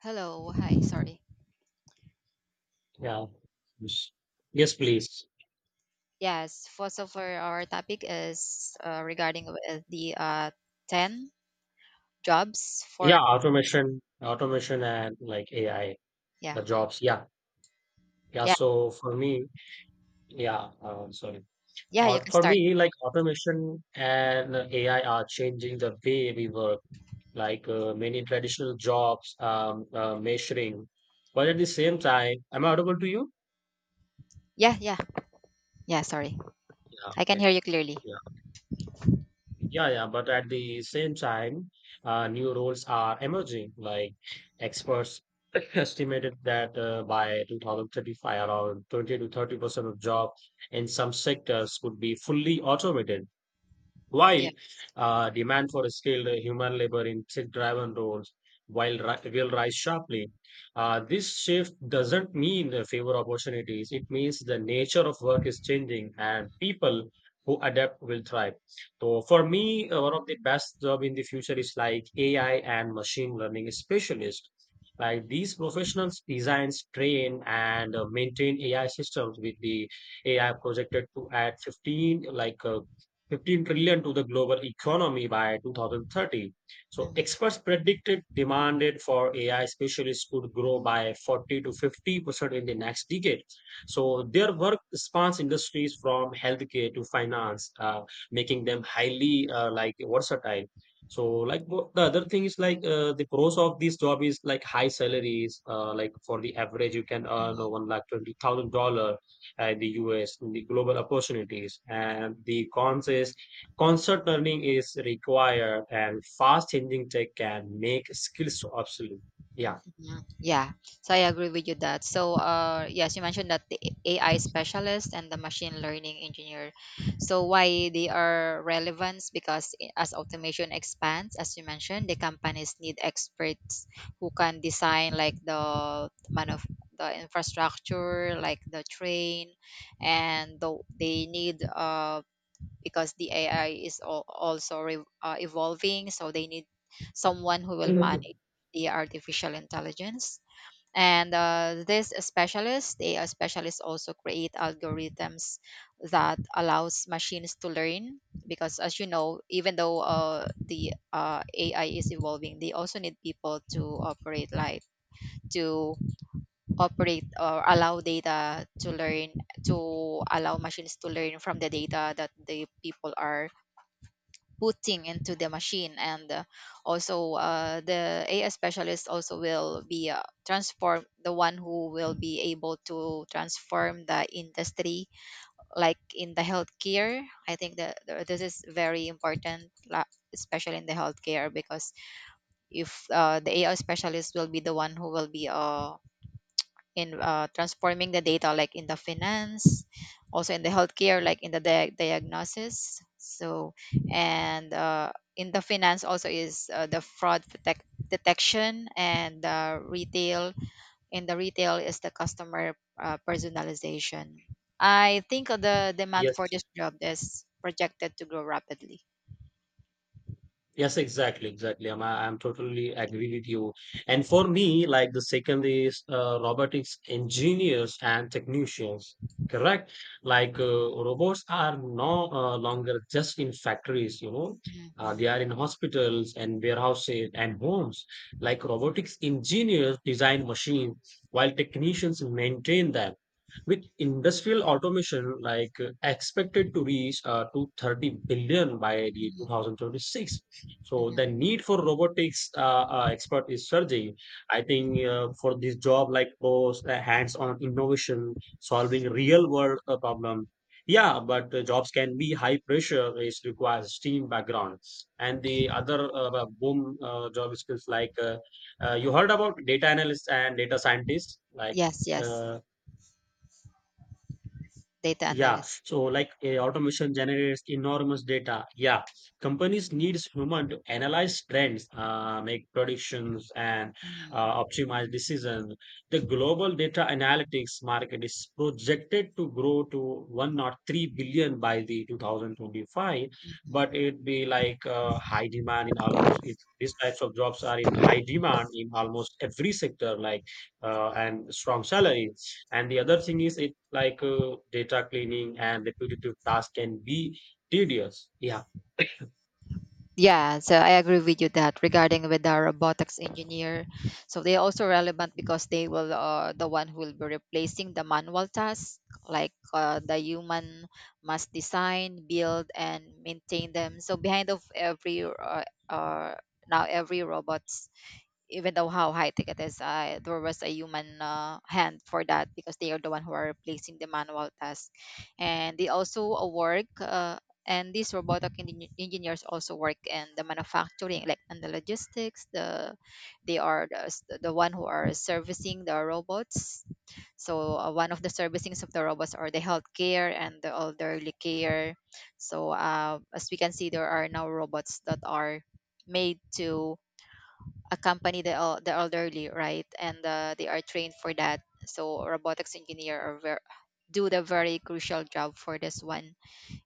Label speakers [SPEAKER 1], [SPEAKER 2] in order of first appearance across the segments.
[SPEAKER 1] Hello. Hi. Sorry.
[SPEAKER 2] Yeah. Yes, yes, please.
[SPEAKER 1] Yes. First of all, our topic is regarding with the 10 jobs for.
[SPEAKER 2] Yeah, automation and like AI,
[SPEAKER 1] Yeah.
[SPEAKER 2] the jobs. Yeah. Yeah.
[SPEAKER 1] Yeah.
[SPEAKER 2] So for me, yeah, sorry.
[SPEAKER 1] Yeah. You can
[SPEAKER 2] For
[SPEAKER 1] start.
[SPEAKER 2] me, like automation and AI are changing the way we work. Like many traditional jobs, measuring. But at the same time, am I audible to you?
[SPEAKER 1] Yeah. Yeah. Yeah. Sorry.
[SPEAKER 2] Yeah.
[SPEAKER 1] I can hear
[SPEAKER 2] Okay.
[SPEAKER 1] you clearly.
[SPEAKER 2] Yeah. Yeah, yeah, but at the same time, new roles are emerging. Like experts estimated that by 2035, around 20 to 30% of jobs in some sectors could be fully automated. While
[SPEAKER 1] Yes.
[SPEAKER 2] demand for skilled human labor in tech-driven roles will rise sharply. This shift doesn't mean fewer opportunities. It means the nature of work is changing, and people who adapt will thrive. So, for me, one of the best job in the future is like AI and machine learning specialist. Like these professionals designs, train, and maintain AI systems, with the AI projected to add 15 trillion to the global economy by 2030. So
[SPEAKER 1] Mm-hmm.
[SPEAKER 2] experts predicted demanded for AI specialists could grow by 40 to 50% in the next decade. So their work spans industries from healthcare to finance, making them highly like versatile. So the other thing is like the pros of this job is like high salaries. Like, for the average, you can earn
[SPEAKER 1] Mm-hmm.
[SPEAKER 2] $120,000 the US, the global opportunities, and the cons is constant learning is required, and fast changing tech can make skills so obsolete. Yeah.
[SPEAKER 1] Mhm. Yeah. So I agree with you that. So yes, you mentioned that the AI specialist and the machine learning engineer. So why they are relevant as automation expands, as you mentioned, the companies need experts who can design like the man of the infrastructure, like the train, and they need because the AI is evolving. So they need someone who will
[SPEAKER 2] Mhm.
[SPEAKER 1] manage the artificial intelligence. And these specialists, the AI specialists, also create algorithms that allows machines to learn. Because as you know, even though the AI is evolving, they also need people to operate like to operate or allow data to learn to allow machines to learn from the data that the people are putting into the machine and also the AI specialist also will be transform the one who will be able to transform the industry, like in the healthcare. I think that this is very important especially in the healthcare because if the AI specialist will be the one who will be in transforming the data, like in the finance, also in the healthcare like in the diagnosis. So and in the finance also is the fraud detection, and the retail, in the retail is the customer personalization. I think the demand for
[SPEAKER 2] Yes.
[SPEAKER 1] this job is projected to grow rapidly.
[SPEAKER 2] Yes, exactly, exactly. I'm totally agree with you. And for me, like the second is robotics engineers and technicians. Correct. Like robots are no longer just in factories. You know,
[SPEAKER 1] Mhm,
[SPEAKER 2] uh, they
[SPEAKER 1] mhm,
[SPEAKER 2] are in hospitals and warehouses and homes. Like robotics engineers design machines, while technicians maintain them. With industrial automation, like expected to reach to 30 billion by the
[SPEAKER 1] mhm,
[SPEAKER 2] 2026, so the
[SPEAKER 1] mhm.
[SPEAKER 2] need for robotics expert is surging. I think for this job, like those hands-on innovation, solving real-world problem. Yeah, but the jobs can be high pressure. It requires team background, and the other boom job skills like you heard about data analysts and data scientists, like.
[SPEAKER 1] Yes, yes.
[SPEAKER 2] Uh,
[SPEAKER 1] Data
[SPEAKER 2] yeah,
[SPEAKER 1] analyst.
[SPEAKER 2] so like automation generates enormous data. Yeah, companies needs human to analyze trends, make predictions, and
[SPEAKER 1] Mhm.
[SPEAKER 2] optimize decisions. The global data analytics market is projected to grow to 103 billion by the 2025, but it'd be like high demand in almost it, these types of jobs are in high demand in almost every sector, like and strong salary. And the other thing is, it like data cleaning and repetitive tasks can be tedious. Yeah.
[SPEAKER 1] Yeah, so I agree with you that regarding with the robotics engineer, so they're also relevant because the one who will be replacing the manual tasks, like the human must design, build, and maintain them. So behind of uh, every robot, even though how high tech it is, there was a human hand for that, because they are the one who are replacing the manual task. And they also work, and these robotic engineers also work in the manufacturing, like in the logistics. They are the one who are servicing the robots. So one of the servicings of the robots are the healthcare and the elderly care. So as we can see, there are now robots that are made to accompany the elderly, right? And they are trained for that. So robotics engineer do the very crucial job for this one.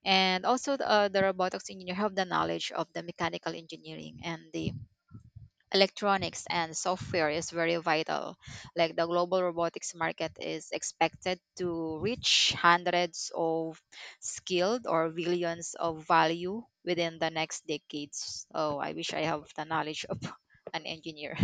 [SPEAKER 1] And also the robotics engineer have the knowledge of the mechanical engineering, and the electronics and software is very vital. Like the global robotics market is expected to reach hundreds of skilled or billions of value within the next decades. Oh, I wish I have the knowledge of an engineer.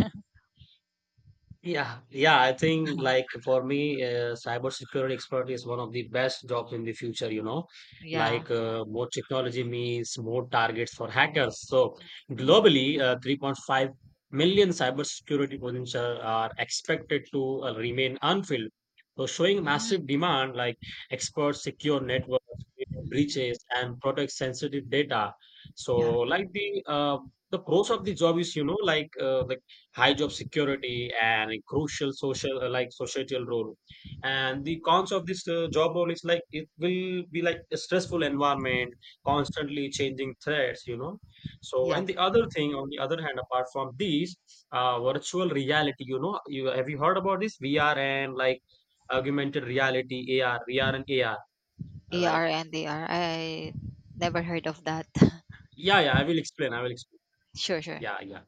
[SPEAKER 2] Yeah, yeah, I think, like for me, cybersecurity expert is one of the best jobs in the future.
[SPEAKER 1] Yeah.
[SPEAKER 2] Like more technology means more targets for hackers. So
[SPEAKER 1] Mhm.
[SPEAKER 2] globally, 3.5 million cybersecurity positions are expected to remain unfilled. So showing massive demand, like experts secure networks, prevent
[SPEAKER 1] Mhm.
[SPEAKER 2] breaches, and protect sensitive data. So
[SPEAKER 1] Yeah.
[SPEAKER 2] like the pros of the job is, like the high job security and a crucial social like societal role, and the cons of this job role is like it will be like a stressful environment, constantly changing threats. So,
[SPEAKER 1] Yeah.
[SPEAKER 2] and the other thing on the other hand, apart from these, virtual reality. You heard about this VR and like augmented reality, AR, VR, and AR. Like,
[SPEAKER 1] AR and AR. Never heard of that.
[SPEAKER 2] yeah, yeah, I will explain.
[SPEAKER 1] Sure, sure.
[SPEAKER 2] Yeah, yeah.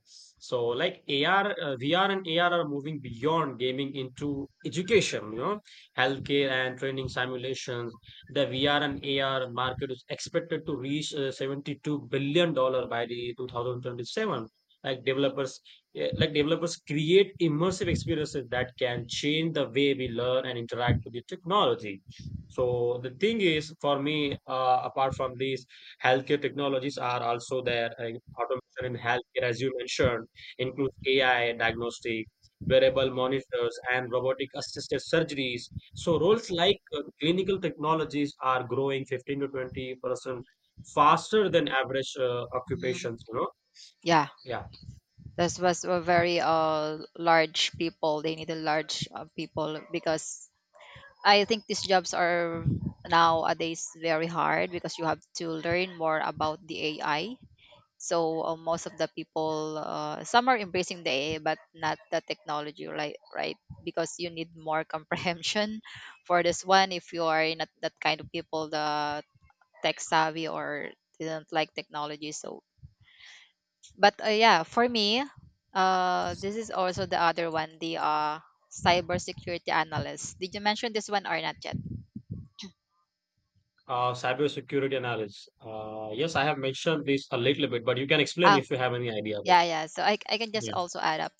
[SPEAKER 2] So like AR, VR and AR are moving beyond gaming into education, healthcare, and training simulations. The VR and AR market is expected to reach $72 billion by the 2027. Like developers, like developers create immersive experiences that can change the way we learn and interact with the technology. So the thing is, for me, apart from this, healthcare technologies are also there. Automation in healthcare, as you mentioned, includes AI diagnostic, wearable monitors, and robotic assisted surgeries. So roles like clinical technologies are growing 15 to 20% faster than average
[SPEAKER 1] Mhm.
[SPEAKER 2] occupations, you know?
[SPEAKER 1] Yeah.
[SPEAKER 2] Yeah.
[SPEAKER 1] This was a very large people. They need a large people because I think these jobs are nowadays very hard because you have to learn more about the AI. So most of the people, some are embracing the AI, but not the technology, right? Right, because you need more comprehension for this one. If you are not that kind of people, the tech savvy or didn't like technology. So but yeah, for me, this is also the other one, the cybersecurity analyst. Did you mention this one or not yet?
[SPEAKER 2] Cybersecurity analysis. Yes, I have mentioned this a little bit, but you can explain
[SPEAKER 1] Oh,
[SPEAKER 2] if you have any idea about
[SPEAKER 1] yeah, yeah. So I can just
[SPEAKER 2] it.
[SPEAKER 1] also add up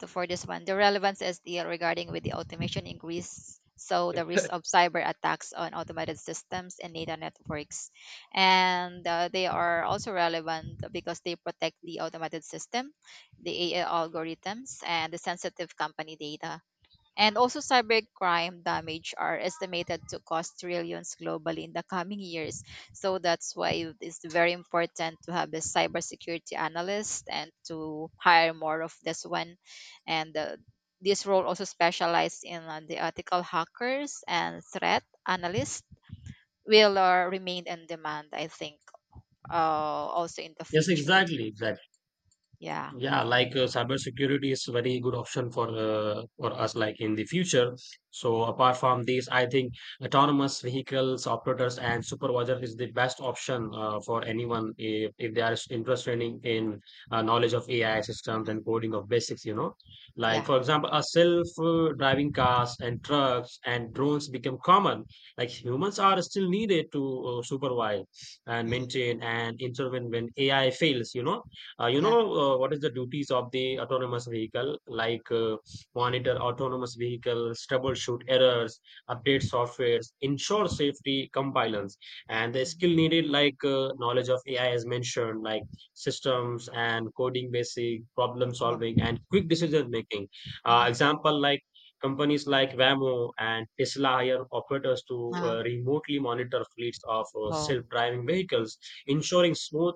[SPEAKER 1] to, for this one. The relevance is the regarding with the automation increase, so the
[SPEAKER 2] Yeah.
[SPEAKER 1] risk of cyber attacks on automated systems and data networks, and they are also relevant because they protect the automated system, the AI algorithms, and the sensitive company data. And also, cybercrime damage are estimated to cost trillions globally in the coming years. So that's why it's very important to have a cybersecurity analyst, and to hire more of this one. And this role also specialized in the ethical hackers and threat analysts will remain in demand, I think, also in the
[SPEAKER 2] Yes,
[SPEAKER 1] future.
[SPEAKER 2] exactly, exactly.
[SPEAKER 1] Yeah.
[SPEAKER 2] Yeah, like cybersecurity is very good option for us, like in the future. So apart from these, I think autonomous vehicles operators and supervisor is the best option for anyone, if they are interested in knowledge of AI systems
[SPEAKER 1] Mhm.
[SPEAKER 2] and coding of basics. Like,
[SPEAKER 1] Yeah.
[SPEAKER 2] for example, a self-driving cars and trucks and drones become common. Like humans are still needed to supervise and
[SPEAKER 1] Mm.
[SPEAKER 2] maintain and intervene when AI fails. You know uh, you
[SPEAKER 1] Yeah.
[SPEAKER 2] know uh, what is the duties of the autonomous vehicle, like monitor autonomous vehicles, troubleshoot errors, update softwares, ensure safety compliance, and the skill
[SPEAKER 1] Mhm.
[SPEAKER 2] needed, like knowledge of AI, as mentioned, like systems and coding basic, problem
[SPEAKER 1] Oh.
[SPEAKER 2] solving, and quick decision making.
[SPEAKER 1] Hmm.
[SPEAKER 2] Example like companies like Waymo and Tesla hire operators to
[SPEAKER 1] Uh,
[SPEAKER 2] remotely monitor fleets of
[SPEAKER 1] oh.
[SPEAKER 2] self-driving vehicles, ensuring smooth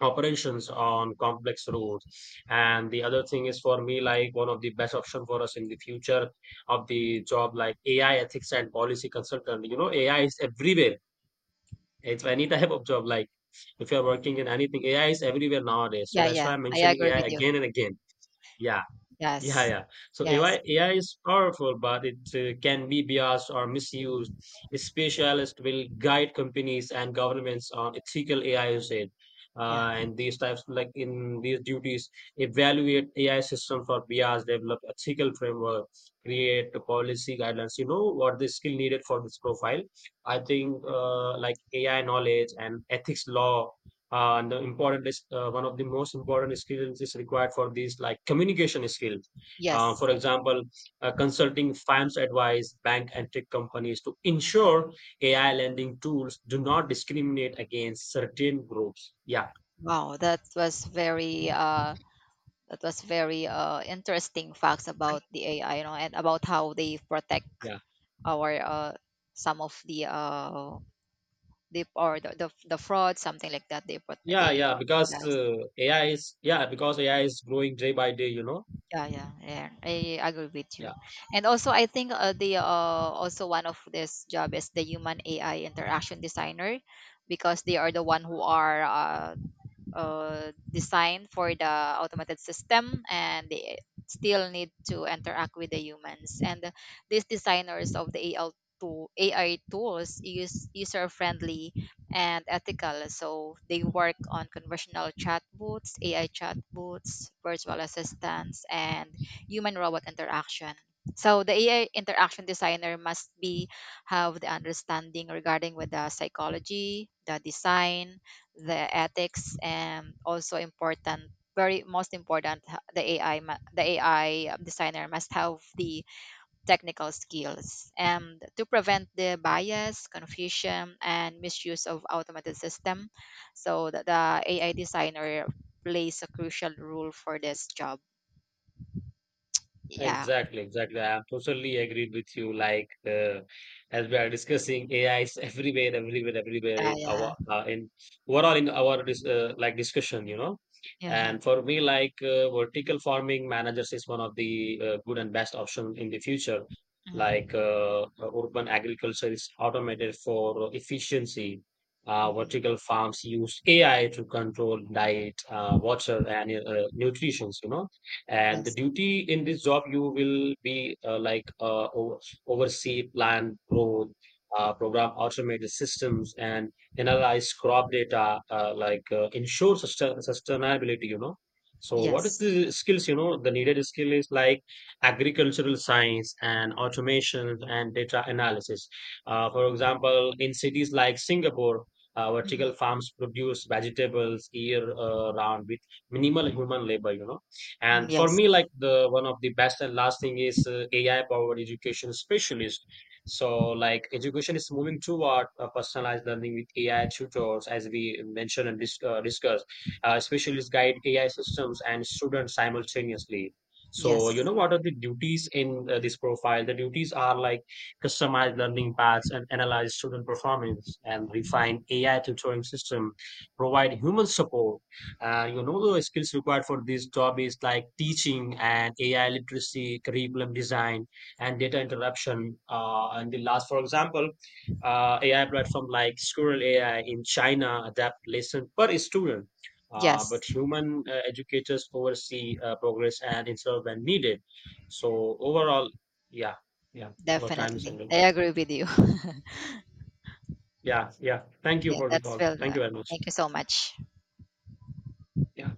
[SPEAKER 2] operations on complex roads. And the other thing is, for me, like one of the best option for us in the future of the job, like AI ethics and policy consultant. AI is everywhere. It's any type of job, like if you're working in anything, AI is everywhere nowadays, so
[SPEAKER 1] Yeah.
[SPEAKER 2] that's why
[SPEAKER 1] Yeah.
[SPEAKER 2] I'm
[SPEAKER 1] I
[SPEAKER 2] mentioning
[SPEAKER 1] agree
[SPEAKER 2] AI
[SPEAKER 1] with you.
[SPEAKER 2] again and again. Yeah. Yeah,
[SPEAKER 1] Yes.
[SPEAKER 2] yeah. So
[SPEAKER 1] Yes.
[SPEAKER 2] AI is powerful, but it can be biased or misused. Specialists will guide companies and governments on ethical AI usage.
[SPEAKER 1] Yeah.
[SPEAKER 2] And these types, like in these duties, evaluate AI system for bias, develop ethical framework, create the policy guidelines. You know what the skill needed for this profile. I think like AI knowledge and ethics law, and the important is one of the most important skills is required for these, like communication skills. For
[SPEAKER 1] Yes.
[SPEAKER 2] example, consulting firms advise bank and tech companies to ensure AI lending tools do not discriminate against certain groups. Yeah,
[SPEAKER 1] Wow, that was very that was very interesting facts about the AI, you know, and about how they protect
[SPEAKER 2] yeah,
[SPEAKER 1] our some of the the fraud, something like that they put
[SPEAKER 2] yeah,
[SPEAKER 1] they
[SPEAKER 2] yeah. Because
[SPEAKER 1] yes.
[SPEAKER 2] AI is, yeah, because AI is growing day by day. You know.
[SPEAKER 1] Yeah, yeah, yeah. I agree with you.
[SPEAKER 2] Yeah.
[SPEAKER 1] And also I think the also one of this job is the human AI interaction designer, because they are the one who are designed for the automated system, and they still need to interact with the humans. And these designers of the al tool, AI tools, use user friendly and ethical, so they work on conversational chatbots, AI chatbots, virtual assistants, and human robot interaction. So the AI interaction designer must be have the understanding regarding with the psychology, the design, the ethics, and also important, very most important, the AI designer must have the technical skills and to prevent the bias, confusion, and misuse of automated system. So the AI designer plays a crucial role for this job. Yeah.
[SPEAKER 2] Exactly, exactly. I am totally agreed with you. Like as we are discussing, AI is everywhere, everywhere, everywhere
[SPEAKER 1] Yeah.
[SPEAKER 2] in
[SPEAKER 1] Yeah.
[SPEAKER 2] our in overall in our dis like discussion.
[SPEAKER 1] Yeah.
[SPEAKER 2] And for me, like vertical farming managers is one of the good and best option in the future. Like
[SPEAKER 1] Hmm.
[SPEAKER 2] urban agriculture is automated for efficiency.
[SPEAKER 1] Hmm.
[SPEAKER 2] Vertical farms use AI to control diet, water, and nutrition. And the
[SPEAKER 1] Yes.
[SPEAKER 2] duty in this job, you will be like oversee plant growth, program automated systems, and analyze crop data, like ensure sustainability. You know. So what is
[SPEAKER 1] Yes.
[SPEAKER 2] the skills? You know, the needed skill is like agricultural science and automation and data analysis. For example, in cities like Singapore,
[SPEAKER 1] Hmm.
[SPEAKER 2] vertical farms produce vegetables year round with minimal human labor. And for
[SPEAKER 1] Yes.
[SPEAKER 2] me, like the one of the best and last thing is AI powered education specialist. So like education is moving toward personalized learning with AI tutors, as we mentioned and discussed. Specialists guide AI systems and students simultaneously. So you
[SPEAKER 1] Yes.
[SPEAKER 2] know what are the duties in this profile. The duties are like customize learning paths and analyze student performance and
[SPEAKER 1] Mhm.
[SPEAKER 2] refine AI tutoring system, provide human support. And, the skills required for this job is like teaching and AI literacy, curriculum design, and data interruption. And the last, for example, AI platform like Squirrel AI in China adapt lesson per student, but
[SPEAKER 1] Yes.
[SPEAKER 2] human educators oversee progress and instead when needed. So overall, yeah, yeah, our time is
[SPEAKER 1] Definitely,
[SPEAKER 2] ending.
[SPEAKER 1] I agree with you.
[SPEAKER 2] Yeah, yeah. Thank you
[SPEAKER 1] Yeah,
[SPEAKER 2] for the
[SPEAKER 1] that's
[SPEAKER 2] call.
[SPEAKER 1] well.
[SPEAKER 2] Thank you very much.
[SPEAKER 1] Thank you so much.
[SPEAKER 2] Yeah.